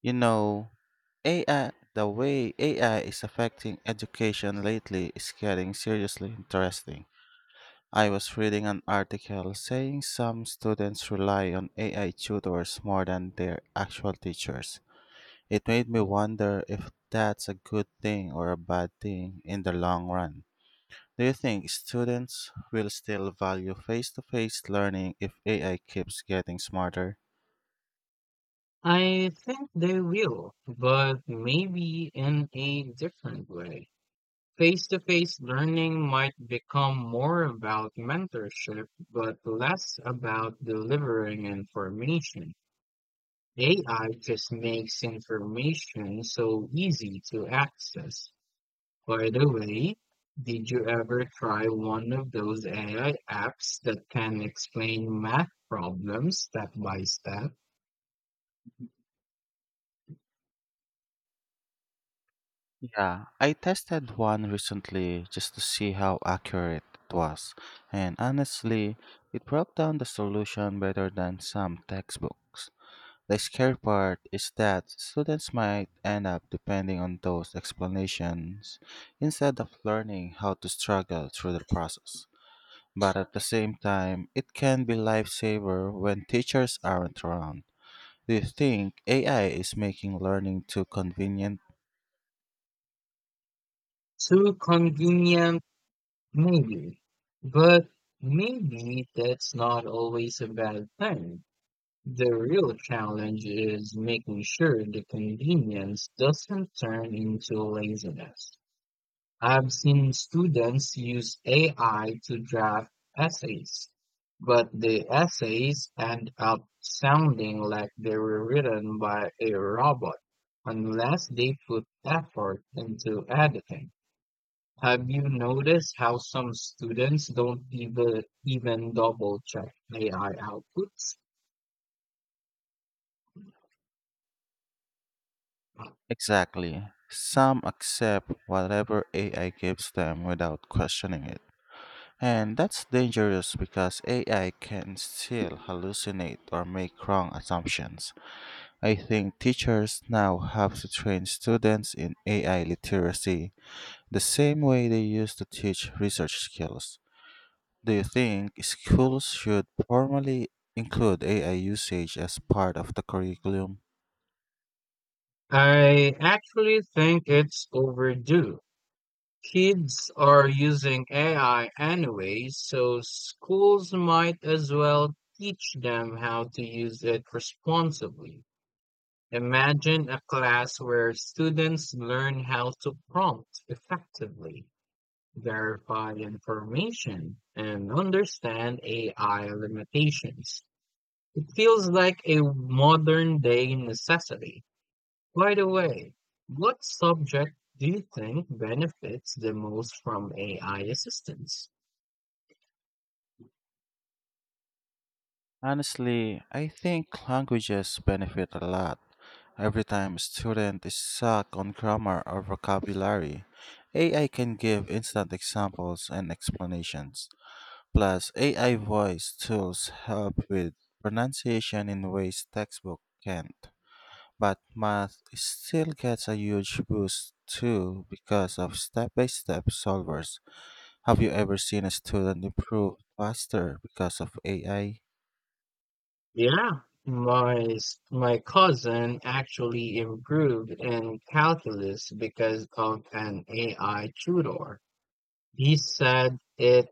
You know, AI, the way AI is affecting education lately is getting seriously interesting. I was reading an article saying some students rely on AI tutors more than their actual teachers. It made me wonder if that's a good thing or a bad thing in the long run. Do you think students will still value face to face learning if AI keeps getting smarter? I think they will, but maybe in a different way. Face to face learning might become more about mentorship, but less about delivering information. AI just makes information so easy to access. By the way, did you ever try one of those AI apps that can explain math problems step by step? Yeah, I tested one recently just to see how accurate it was, and honestly, it broke down the solution better than some textbooks. The scary part is that students might end up depending on those explanations instead of learning how to struggle through the process. But at the same time, it can be lifesaver when teachers aren't around. Do you think AI is making learning too convenient? Too convenient? Maybe, but maybe that's not always a bad thing. The real challenge is making sure the convenience doesn't turn into laziness. I've seen students use AI to draft essays, but the essays end up sounding like they were written by a robot unless they put effort into editing. Have you noticed how some students don't even double check AI outputs? Exactly. Some accept whatever AI gives them without questioning it. And that's dangerous because AI can still hallucinate or make wrong assumptions. I think teachers now have to train students in AI literacy the same way they used to teach research skills. Do you think schools should formally include AI usage as part of the curriculum? I actually think it's overdue. Kids are using AI anyway, so schools might as well teach them how to use it responsibly. Imagine a class where students learn how to prompt effectively, verify information, and understand AI limitations. It feels like a modern day necessity. By the way, what subject do you think benefits the most from AI assistance? Honestly, I think languages benefit a lot. Every time a student is stuck on grammar or vocabulary, AI can give instant examples and explanations. Plus, AI voice tools help with pronunciation in ways textbook can't. But math still gets a huge boost too because of step by step solvers. Have you ever seen a student improve faster because of AI? Yeah, my cousin actually improved in calculus because of an AI tutor. He said it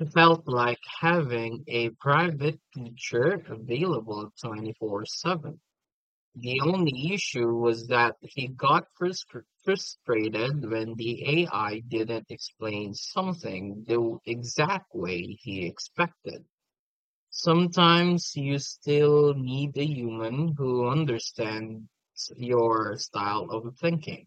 It felt like having a private teacher available 24/7. The only issue was that he got frustrated when the AI didn't explain something the exact way he expected. Sometimes you still need a human who understands your style of thinking.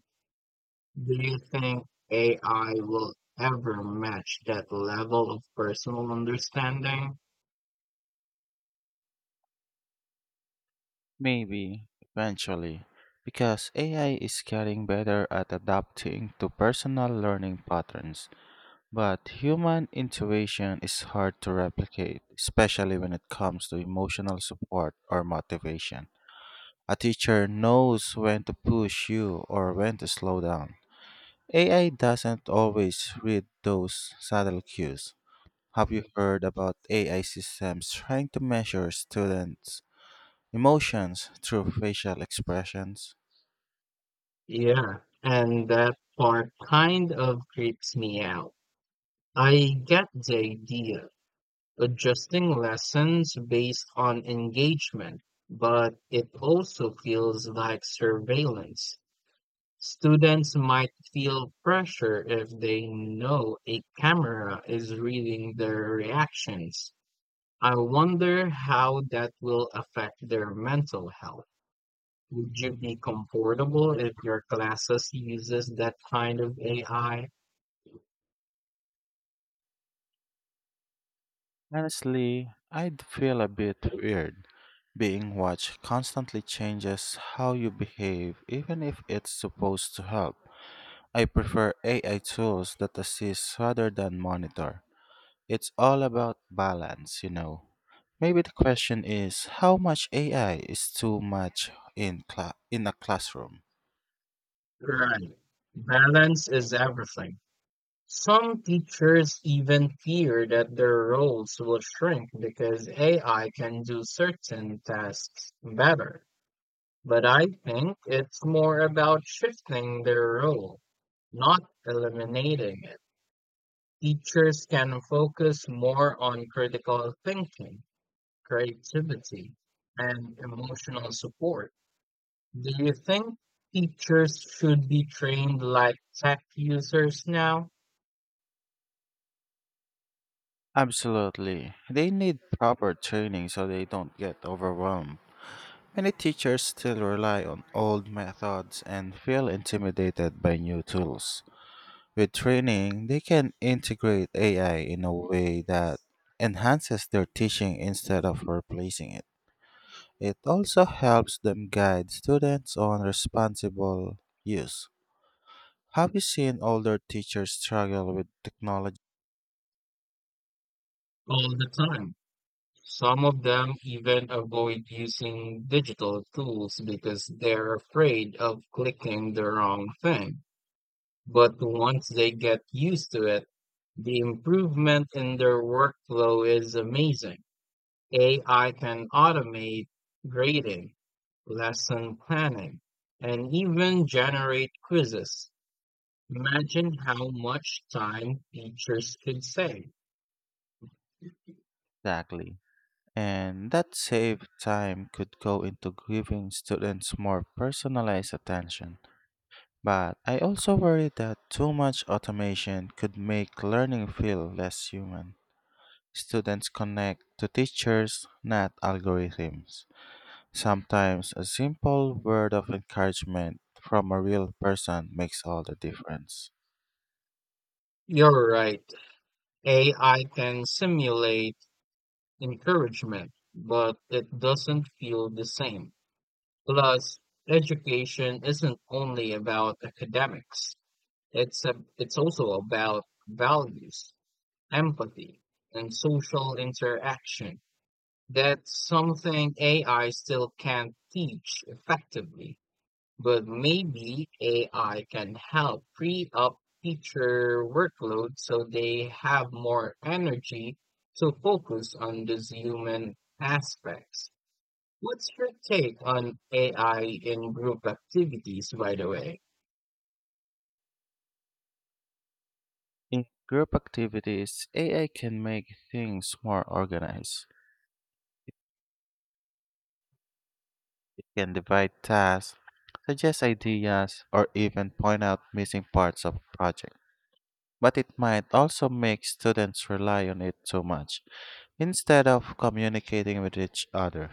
Do you think AI will ever match that level of personal understanding? Maybe, eventually, because AI is getting better at adapting to personal learning patterns, but human intuition is hard to replicate, especially when it comes to emotional support or motivation. A teacher knows when to push you or when to slow down. AI doesn't always read those subtle cues. Have you heard about AI systems trying to measure students' emotions through facial expressions? Yeah, and that part kind of creeps me out. I get the idea, adjusting lessons based on engagement, but it also feels like surveillance. Students might feel pressure if they know a camera is reading their reactions. I wonder how that will affect their mental health. Would you be comfortable if your classes uses that kind of AI? Honestly, I'd feel a bit weird. Being watched constantly changes how you behave, even if it's supposed to help. I prefer AI tools that assist rather than monitor. It's all about balance, you know. Maybe the question is how much AI is too much in in a classroom. Right. Balance is everything. Some teachers even fear that their roles will shrink because AI can do certain tasks better. But I think it's more about shifting their role, not eliminating it. Teachers can focus more on critical thinking, creativity, and emotional support. Do you think teachers should be trained like tech users now? Absolutely. They need proper training so they don't get overwhelmed. Many teachers still rely on old methods and feel intimidated by new tools. With training, they can integrate AI in a way that enhances their teaching instead of replacing it. It also helps them guide students on responsible use. Have you seen older teachers struggle with technology? All the time. Some of them even avoid using digital tools because they're afraid of clicking the wrong thing. But once they get used to it, the improvement in their workflow is amazing. AI can automate grading, lesson planning, and even generate quizzes. Imagine how much time teachers could save. Exactly. And that saved time could go into giving students more personalized attention. But I also worry that too much automation could make learning feel less human. Students connect to teachers, not algorithms. Sometimes a simple word of encouragement from a real person makes all the difference. You're right. AI can simulate encouragement, but it doesn't feel the same. Plus, education isn't only about academics. It's also about values, empathy, and social interaction. That's something AI still can't teach effectively. But maybe AI can help free up teacher workload so they have more energy to focus on these human aspects. What's your take on AI in group activities, by the way? In group activities, AI can make things more organized, can divide tasks, suggest ideas, or even point out missing parts of projects, but it might also make students rely on it too much instead of communicating with each other.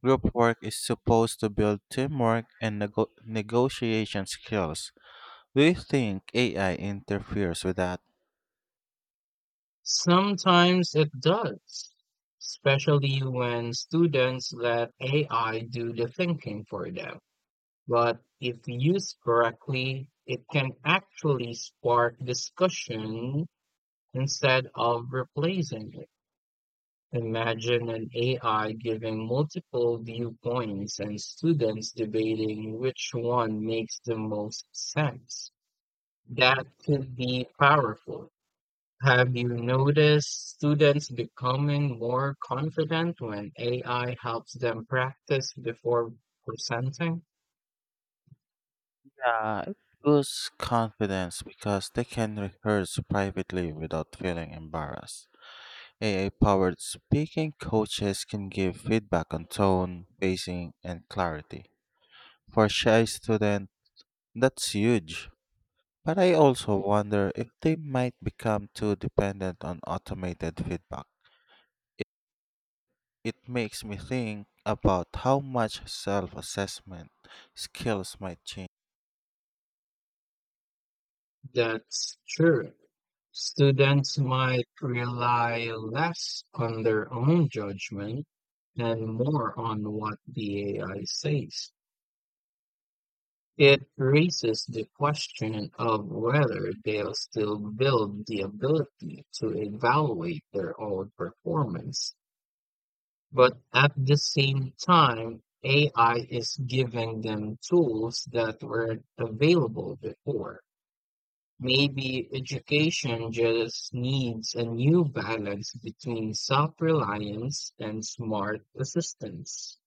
Group work is supposed to build teamwork and negotiation skills. Do you think AI interferes with that? Sometimes it does, especially when students let AI do the thinking for them. But if used correctly, it can actually spark discussion. Instead of replacing it, imagine an AI giving multiple viewpoints and students debating which one makes the most sense. That could be powerful. Have you noticed students becoming more confident when AI helps them practice before presenting? Yeah, it boosts confidence because they can rehearse privately without feeling embarrassed. AI powered speaking coaches can give feedback on tone, pacing, and clarity. For shy students, that's huge. But I also wonder if they might become too dependent on automated feedback. It makes me think about how much self assessment skills might change. That's true. Students might rely less on their own judgment and more on what the AI says. It raises the question of whether they'll still build the ability to evaluate their own performance. But at the same time, AI is giving them tools that weren't available before. Maybe education just needs a new balance between self-reliance and smart assistance.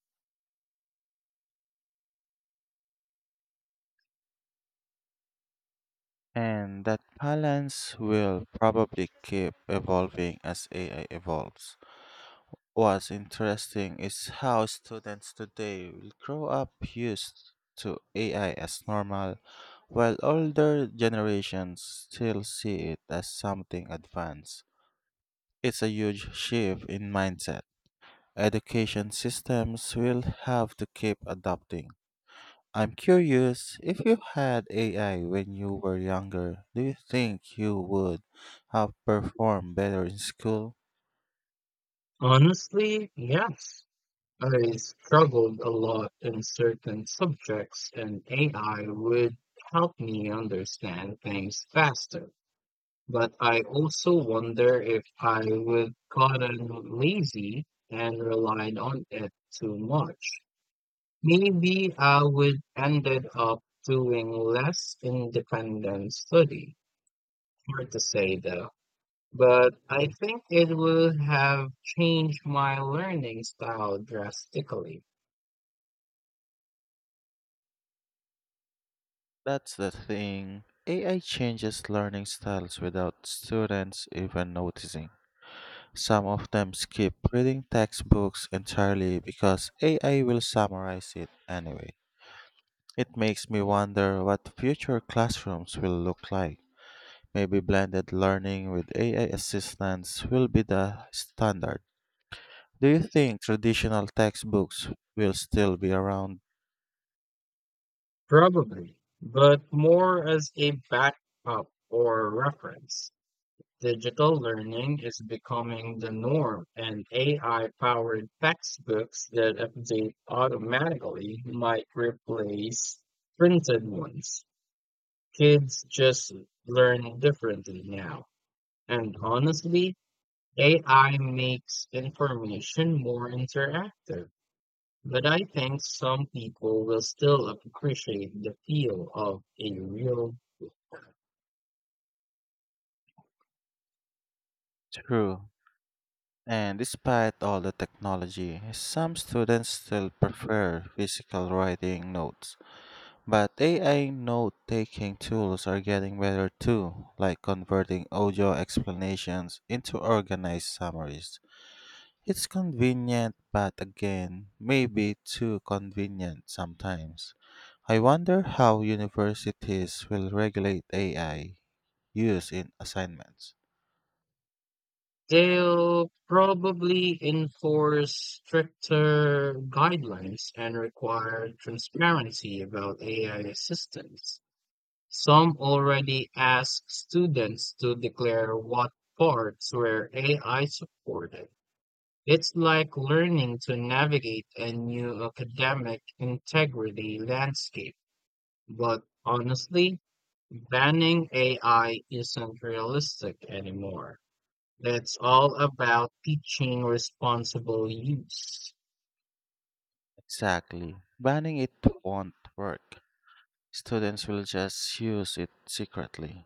And that balance will probably keep evolving as AI evolves. What's interesting is how students today will grow up used to AI as normal, while older generations still see it as something advanced. It's a huge shift in mindset. Education systems will have to keep adapting. I'm curious, if you had AI when you were younger, do you think you would have performed better in school? Honestly, yes. I struggled a lot in certain subjects, and AI would help me understand things faster. But I also wonder if I would gotten lazy and relied on it too much. Maybe I would ended up doing less independent study. Hard to say though. But I think it would have changed my learning style drastically. That's the thing. AI changes learning styles without students even noticing. Some of them skip reading textbooks entirely because AI will summarize it anyway. It makes me wonder what future classrooms will look like. Maybe blended learning with AI assistance will be the standard. Do you think traditional textbooks will still be around? Probably. But more as a backup or reference. Digital learning is becoming the norm, and AI powered textbooks that update automatically might replace printed ones. Kids just learn differently now. And honestly, AI makes information more interactive. But I think some people will still appreciate the feel of a real. True. And despite all the technology, some students still prefer physical writing notes. But AI note taking tools are getting better too, like converting audio explanations into organized summaries. It's convenient, but again, maybe too convenient sometimes. I wonder how universities will regulate AI use in assignments. They'll probably enforce stricter guidelines and require transparency about AI assistance. Some already ask students to declare what parts were AI supported. It's like learning to navigate a new academic integrity landscape, but honestly, banning AI isn't realistic anymore. It's all about teaching responsible use. Exactly. Banning it won't work. Students will just use it secretly.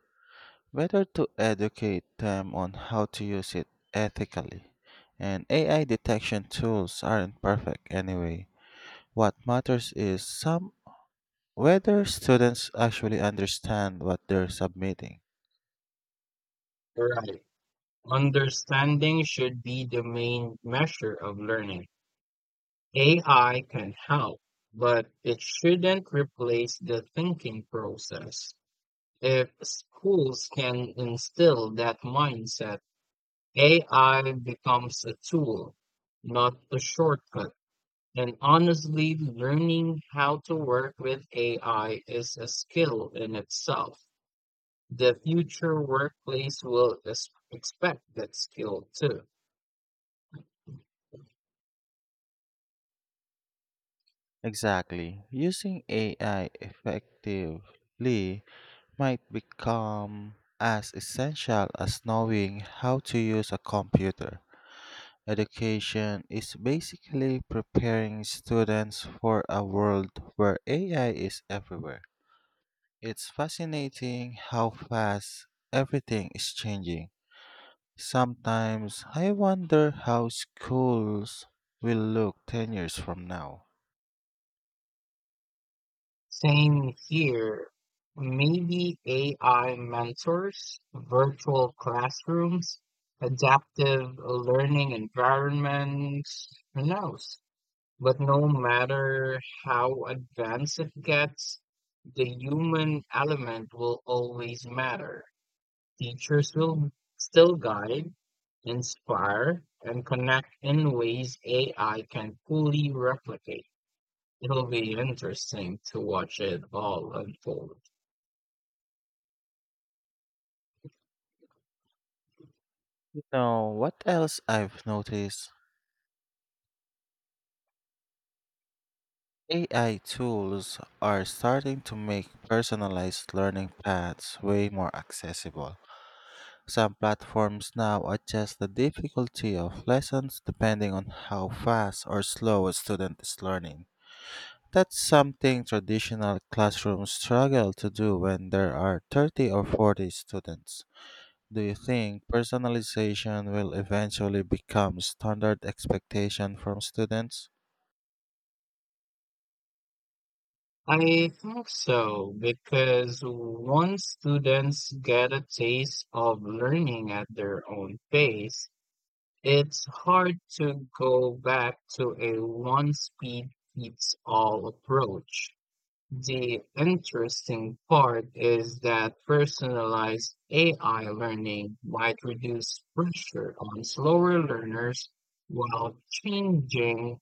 Better to educate them on how to use it ethically. And AI detection tools aren't perfect anyway. What matters is some whether students actually understand what they're submitting. Right. Understanding should be the main measure of learning. AI can help, but it shouldn't replace the thinking process. If schools can instill that mindset, AI becomes a tool, not a shortcut. And honestly, learning how to work with AI is a skill in itself. The future workplace will expect that skill too. Exactly. Using AI effectively might become as essential as knowing how to use a computer. Education is basically preparing students for a world where AI is everywhere. It's fascinating how fast everything is changing. Sometimes I wonder how schools will look 10 years from now. Same here. Maybe AI mentors, virtual classrooms, adaptive learning environments, who knows? But no matter how advanced it gets, the human element will always matter. Teachers will still guide, inspire, and connect in ways AI can fully replicate. It'll be interesting to watch it all unfold. You know, what else I've noticed? AI tools are starting to make personalized learning paths way more accessible. Some platforms now adjust the difficulty of lessons depending on how fast or slow a student is learning. That's something traditional classrooms struggle to do when there are 30 or 40 students. Do you think personalization will eventually become standard expectation from students? I think so, because once students get a taste of learning at their own pace, it's hard to go back to a one speed fits all approach. The interesting part is that personalized AI learning might reduce pressure on slower learners while changing,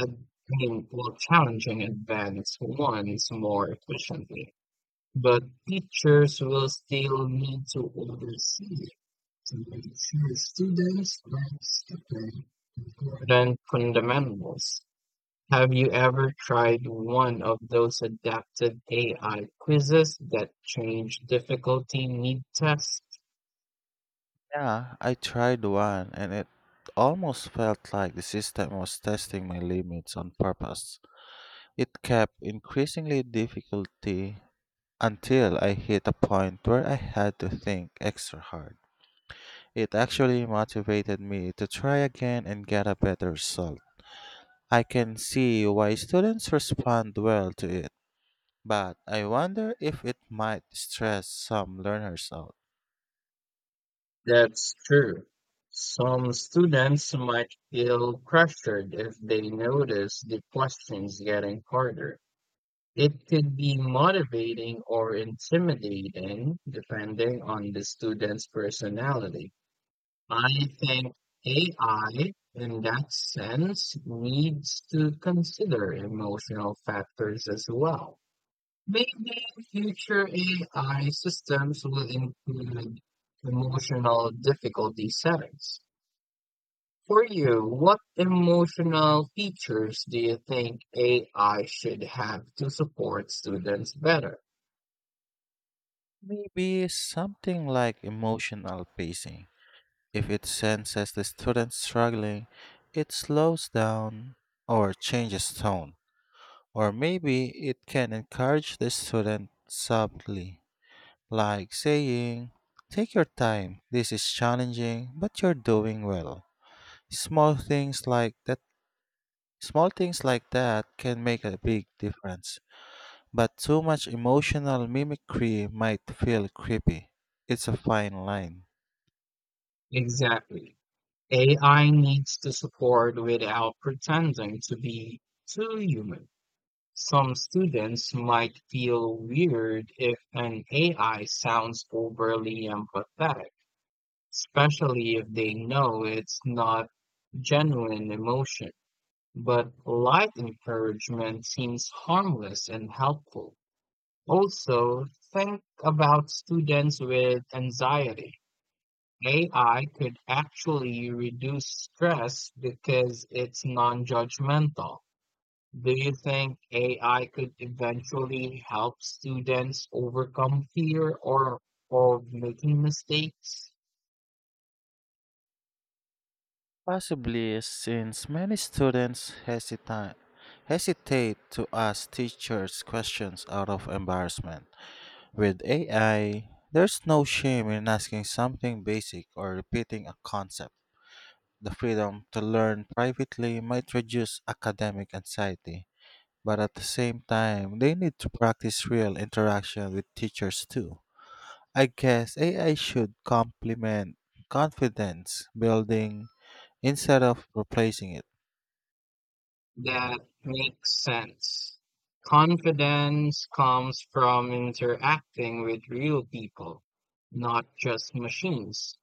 ad- I mean, while challenging advanced ones more efficiently. But teachers will still need to oversee it to ensure students grasp the important fundamentals. Have you ever tried one of those adaptive AI quizzes that change difficulty mid-test? Yeah, I tried one and it almost felt like the system was testing my limits on purpose. It kept increasingly difficulty until I hit a point where I had to think extra hard. It actually motivated me to try again and get a better result. I can see why students respond well to it, but I wonder if it might stress some learners out. That's true. Some students might feel pressured if they notice the questions getting harder. It could be motivating or intimidating depending on the student's personality. I think AI, in that sense, needs to consider emotional factors as well. Maybe future AI systems will include emotional difficulty settings. For you, what emotional features do you think AI should have to support students better? Maybe something like emotional pacing. If it senses the student struggling, it slows down or changes tone. Or maybe it can encourage the student subtly, like saying, "Take your time, this is challenging, but you're doing well." Small things like that small things like that can make a big difference. But too much emotional mimicry might feel creepy. It's a fine line. Exactly. AI needs to support without pretending to be too human. Some students might feel weird if an AI sounds overly empathetic, especially if they know it's not genuine emotion. But light encouragement seems harmless and helpful. Also, think about students with anxiety. AI could actually reduce stress because it's non-judgmental. Do you think AI could eventually help students overcome fear or of making mistakes? Possibly, since many students hesitate to ask teachers questions out of embarrassment. With AI, there's no shame in asking something basic or repeating a concept. The freedom to learn privately might reduce academic anxiety, but at the same time, they need to practice real interaction with teachers too. I guess AI should complement confidence building instead of replacing it. That makes sense. Confidence comes from interacting with real people, not just machines.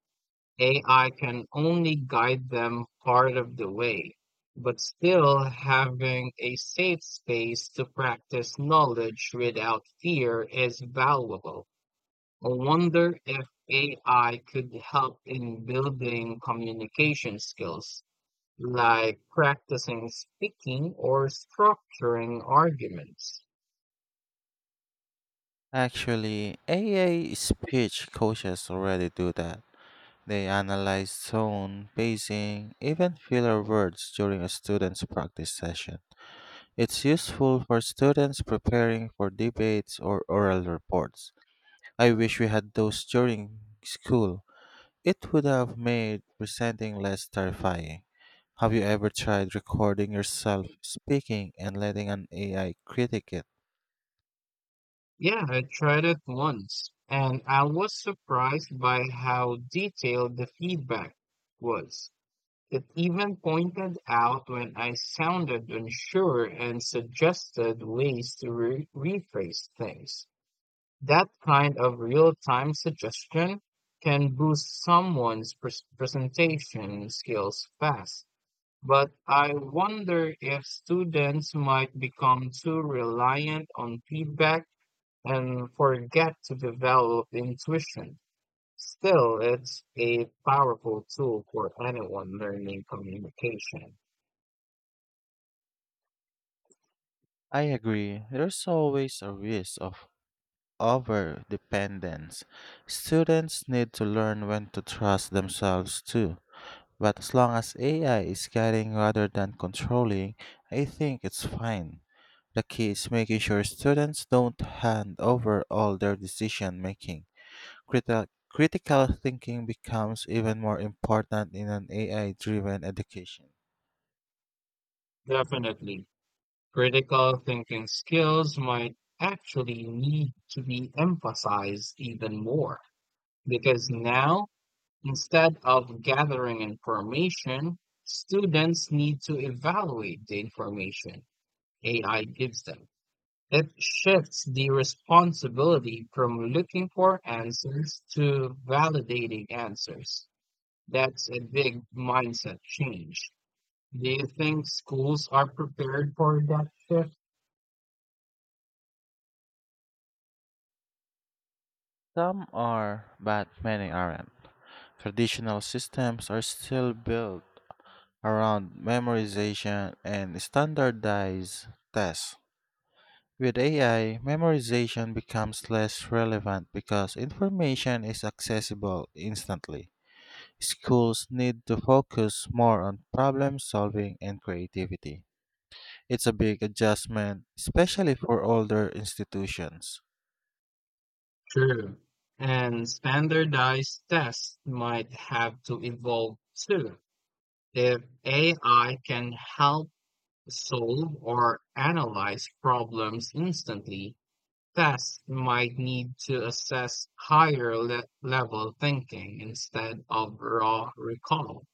AI can only guide them part of the way, but still having a safe space to practice knowledge without fear is valuable. I wonder if AI could help in building communication skills, like practicing speaking or structuring arguments. Actually, AI speech coaches already do that. They analyze tone, pacing, even filler words during a student's practice session. It's useful for students preparing for debates or oral reports. I wish we had those during school. It would have made presenting less terrifying. Have you ever tried recording yourself speaking and letting an AI critique it? Yeah, I tried it once, and I was surprised by how detailed the feedback was. It even pointed out when I sounded unsure and suggested ways to rephrase things. That kind of real-time suggestion can boost someone's presentation skills fast. But I wonder if students might become too reliant on feedback and forget to develop intuition. Still, it's a powerful tool for anyone learning communication. I agree. There's always a risk of over dependence. Students need to learn when to trust themselves too. But as long as AI is guiding rather than controlling, I think it's fine. The key is making sure students don't hand over all their decision making. Critical thinking becomes even more important in an AI driven education. Definitely. Critical thinking skills might actually need to be emphasized even more because now, instead of gathering information, students need to evaluate the information AI gives them. It shifts the responsibility from looking for answers to validating answers. That's a big mindset change. Do you think schools are prepared for that shift? Some are, but many aren't. Traditional systems are still built around memorization and standardized tests. With AI, memorization becomes less relevant because information is accessible instantly. Schools need to focus more on problem solving and creativity. It's a big adjustment, especially for older institutions. True. And standardized tests might have to evolve too. If AI can help solve or analyze problems instantly, tests might need to assess higher level thinking instead of raw recall.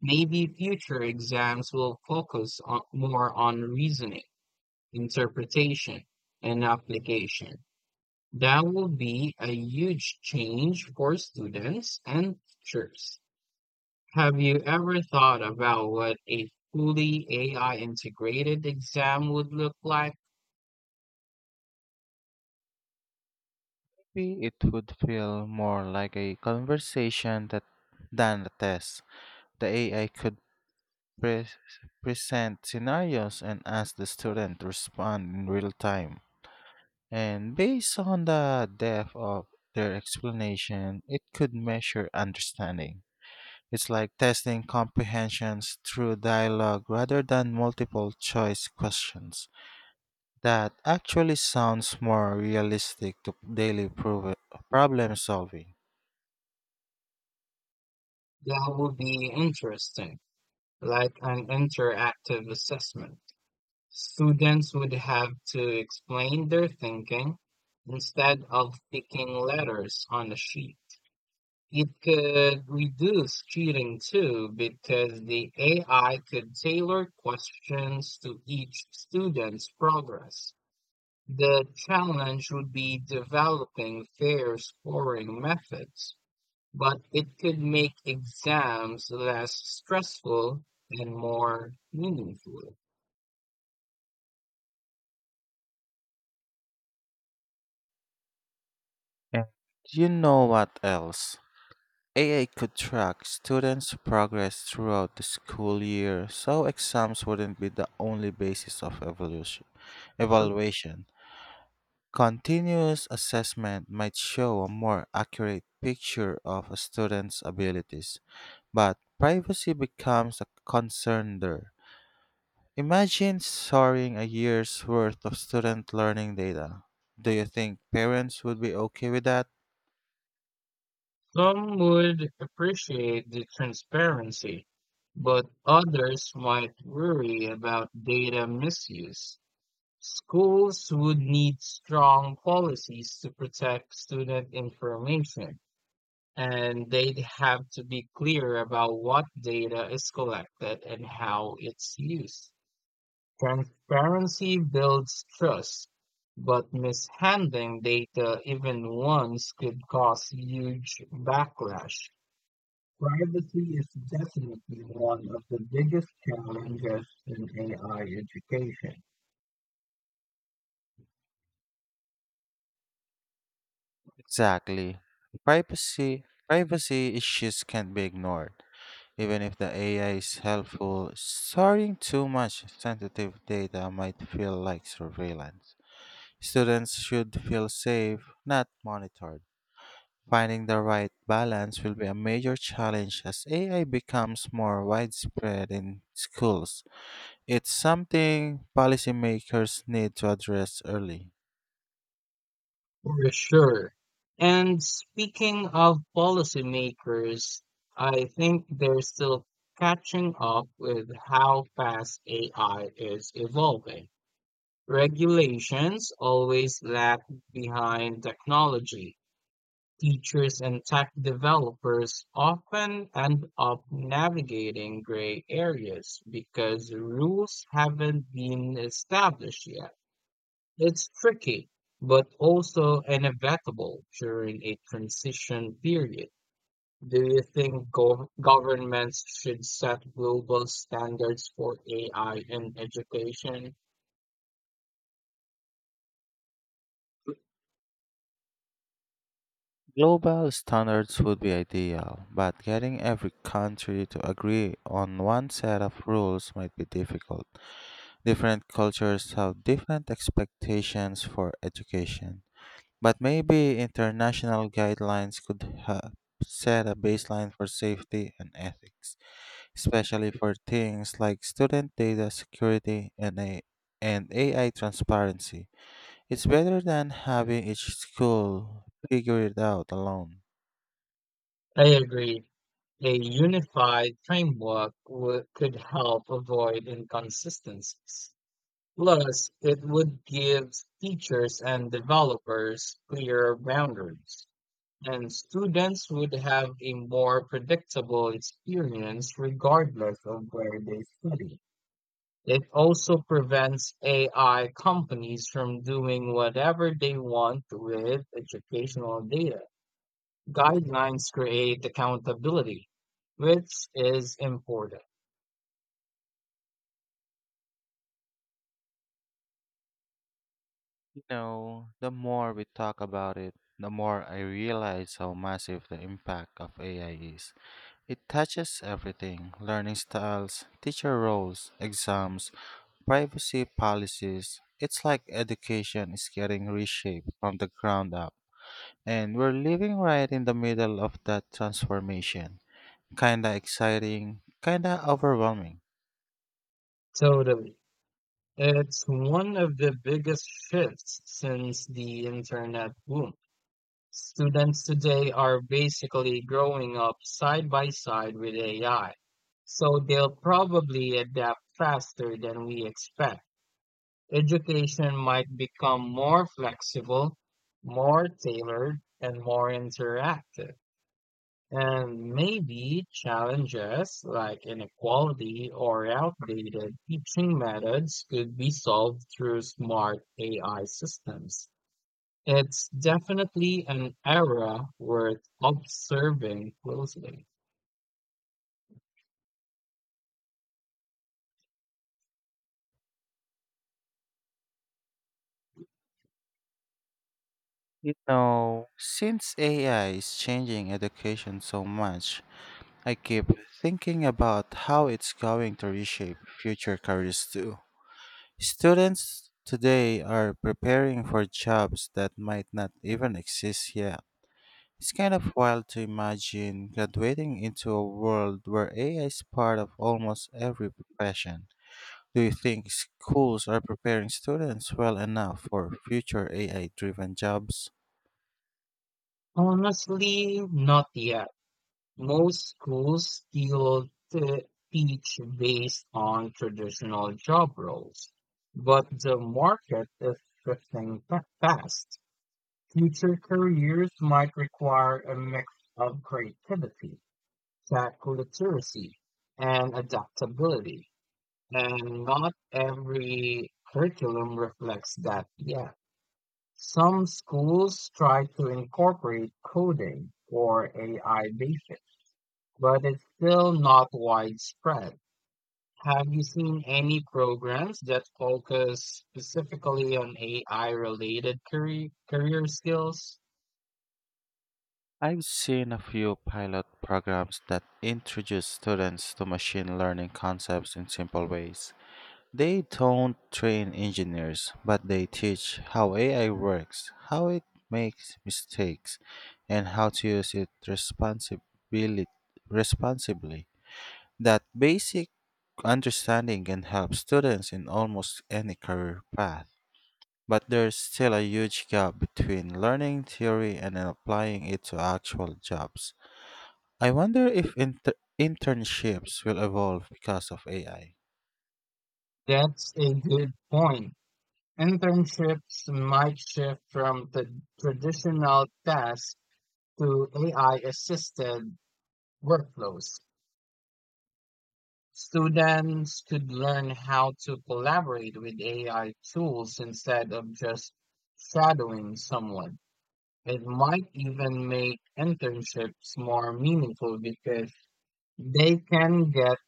Maybe future exams will focus on, more on reasoning, interpretation, and application. That will be a huge change for students and teachers. Have you ever thought about what a fully AI integrated exam would look like? Maybe it would feel more like a conversation than a test. The AI could pre- present scenarios and ask the student to respond in real time. And based on the depth of their explanation, it could measure understanding. It's like testing comprehensions through dialogue rather than multiple choice questions. That actually sounds more realistic to daily problem solving. That would be interesting, like an interactive assessment. Students would have to explain their thinking instead of picking letters on the sheet. It could reduce cheating too because the AI could tailor questions to each student's progress. The challenge would be developing fair scoring methods, but it could make exams less stressful and more meaningful. And you know what else? AA could track students' progress throughout the school year so exams wouldn't be the only basis of evolution. Evaluation. Continuous assessment might show a more accurate picture of a student's abilities, but privacy becomes a concern there. Imagine storing a year's worth of student learning data. Do you think parents would be okay with that? Some would appreciate the transparency, but others might worry about data misuse. Schools would need strong policies to protect student information, and they'd have to be clear about what data is collected and how it's used. Transparency builds trust, but mishandling data even once could cause huge backlash. Privacy is definitely one of the biggest challenges in AI education. Exactly. Privacy issues can't be ignored. Even if the AI is helpful, storing too much sensitive data might feel like surveillance. Students should feel safe, not monitored. Finding the right balance will be a major challenge as AI becomes more widespread in schools. It's something policymakers need to address early. For sure. And speaking of policymakers, I think they're still catching up with how fast AI is evolving. Regulations always lag behind technology. Teachers and tech developers often end up navigating gray areas because rules haven't been established yet. It's tricky, but also inevitable during a transition period. Do you think governments should set global standards for AI in education? Global standards would be ideal, but getting every country to agree on one set of rules might be difficult. Different cultures have different expectations for education, but maybe international guidelines could help set a baseline for safety and ethics, especially for things like student data security and AI transparency. It's better than having each school figure it out alone. I agree. A unified framework could help avoid inconsistencies. Plus, it would give teachers and developers clearer boundaries, and students would have a more predictable experience regardless of where they study. It also prevents AI companies from doing whatever they want with educational data. Guidelines create accountability, which is important. You know, the more we talk about it, the more I realize how massive the impact of AI is. It touches everything: learning styles, teacher roles, exams, privacy policies. It's like education is getting reshaped from the ground up. And we're living right in the middle of that transformation. Kinda exciting, kinda overwhelming. Totally. It's one of the biggest shifts since the internet boom. Students today are basically growing up side by side with AI, so they'll probably adapt faster than we expect. Education might become more flexible, more tailored, and more interactive. And maybe challenges like inequality or outdated teaching methods could be solved through smart AI systems. It's definitely an era worth observing closely. You know, since AI is changing education so much, I keep thinking about how it's going to reshape future careers too. Students today are preparing for jobs that might not even exist yet. It's kind of wild to imagine graduating into a world where AI is part of almost every profession. Do you think schools are preparing students well enough for future AI driven jobs? Honestly, not yet. Most schools still teach based on traditional job roles, but the market is shifting fast. Future careers might require a mix of creativity, tech literacy, and adaptability, and not every curriculum reflects that yet. Some schools try to incorporate coding or AI basics, but it's still not widespread. Have you seen any programs that focus specifically on AI related career skills? I've seen a few pilot programs that introduce students to machine learning concepts in simple ways. They don't train engineers, but they teach how AI works, how it makes mistakes, and how to use it responsibly. That basic understanding can help students in almost any career path. But there's still a huge gap between learning theory and applying it to actual jobs. I wonder if internships will evolve because of AI. That's a good point. Internships might shift from the traditional tasks to AI assisted workflows. Students could learn how to collaborate with AI tools instead of just shadowing someone. It might even make internships more meaningful because they can get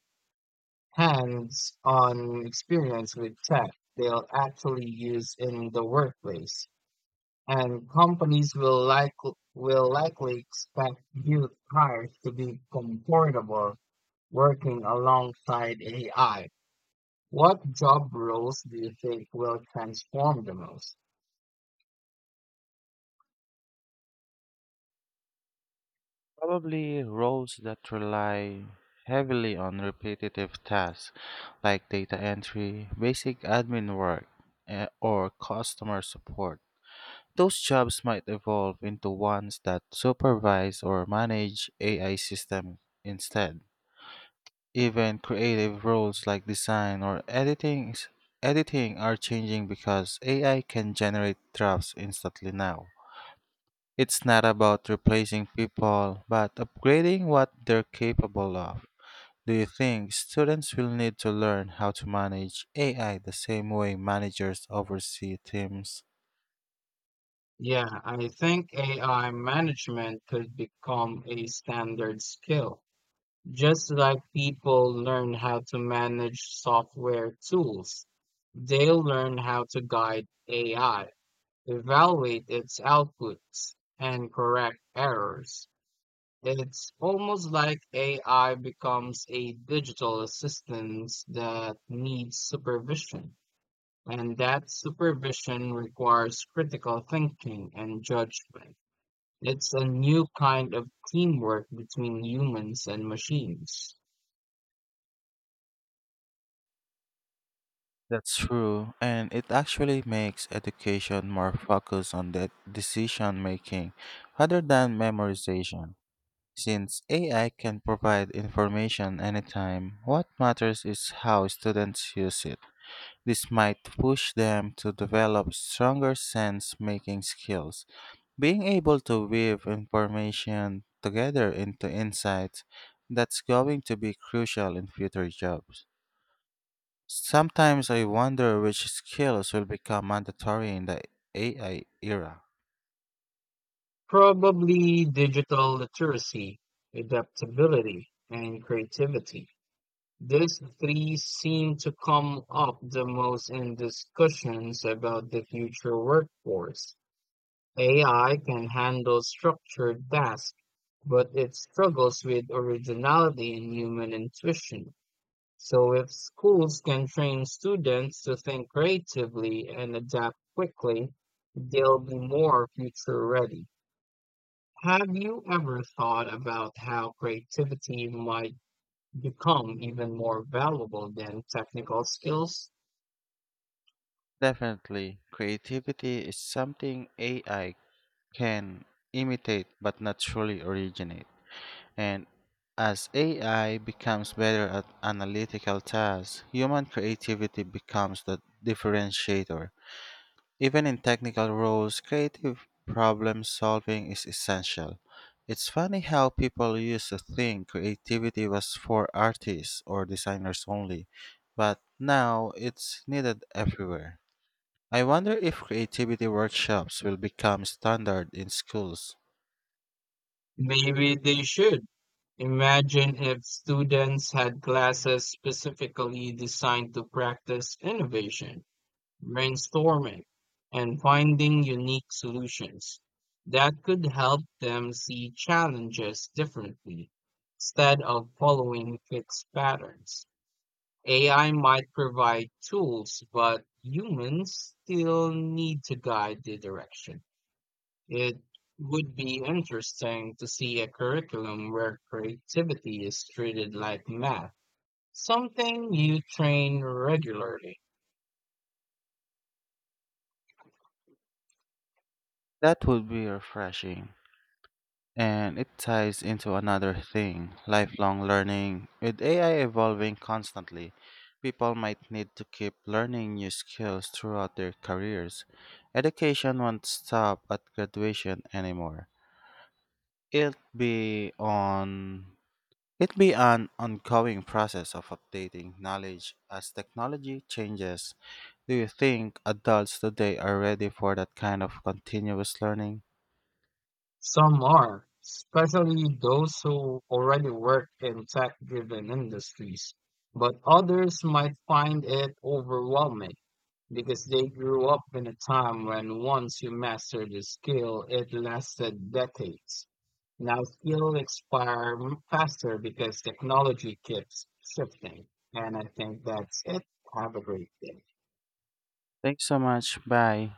hands on experience with tech they'll actually use in the workplace. And companies will likely expect youth hires to be comfortable working alongside AI. What job roles do you think will transform the most? Probably roles that rely heavily on repetitive tasks like data entry, basic admin work, or customer support. Those jobs might evolve into ones that supervise or manage AI systems instead. Even creative roles like design or editing are changing because AI can generate drafts instantly now. It's not about replacing people, but upgrading what they're capable of. Do you think students will need to learn how to manage AI the same way managers oversee teams? Yeah, I think AI management could become a standard skill, just like people learn how to manage software tools. They'll learn how to guide AI, evaluate its outputs and correct errors. It's almost like AI becomes a digital assistant that needs supervision, and that supervision requires critical thinking and judgment. It's a new kind of teamwork between humans and machines. That's true, and it actually makes education more focused on the decision making rather than memorization. Since AI can provide information anytime, what matters is how students use it. This might push them to develop stronger sense making skills. Being able to weave information together into insights, that's going to be crucial in future jobs. Sometimes I wonder which skills will become mandatory in the AI era. Probably digital literacy, adaptability, and creativity. These 3 seem to come up the most in discussions about the future workforce. AI can handle structured tasks, but it struggles with originality and human intuition. So, if schools can train students to think creatively and adapt quickly, they'll be more future ready. Have you ever thought about how creativity might become even more valuable than technical skills? Definitely, creativity is something AI can imitate but not truly originate. And as AI becomes better at analytical tasks, human creativity becomes the differentiator. Even in technical roles, creative problem solving is essential. It's funny how people used to think creativity was for artists or designers only, but now it's needed everywhere. I wonder if creativity workshops will become standard in schools. Maybe they should. Imagine if students had classes specifically designed to practice innovation, brainstorming, and finding unique solutions. That could help them see challenges differently instead of following fixed patterns. AI might provide tools, but humans still need to guide the direction. It would be interesting to see a curriculum where creativity is treated like math, something you train regularly. That would be refreshing. And it ties into another thing: lifelong learning. With AI evolving constantly, people might need to keep learning new skills throughout their careers. Education won't stop at graduation anymore. It'll be on it be an ongoing process of updating knowledge as technology changes. Do you think adults today are ready for that kind of continuous learning? Some are, especially those who already work in tech-driven industries, but others might find it overwhelming because they grew up in a time when once you mastered a skill, it lasted decades. Now skills expire faster because technology keeps shifting. And I think that's it. Have a great day. Thanks so much. Bye.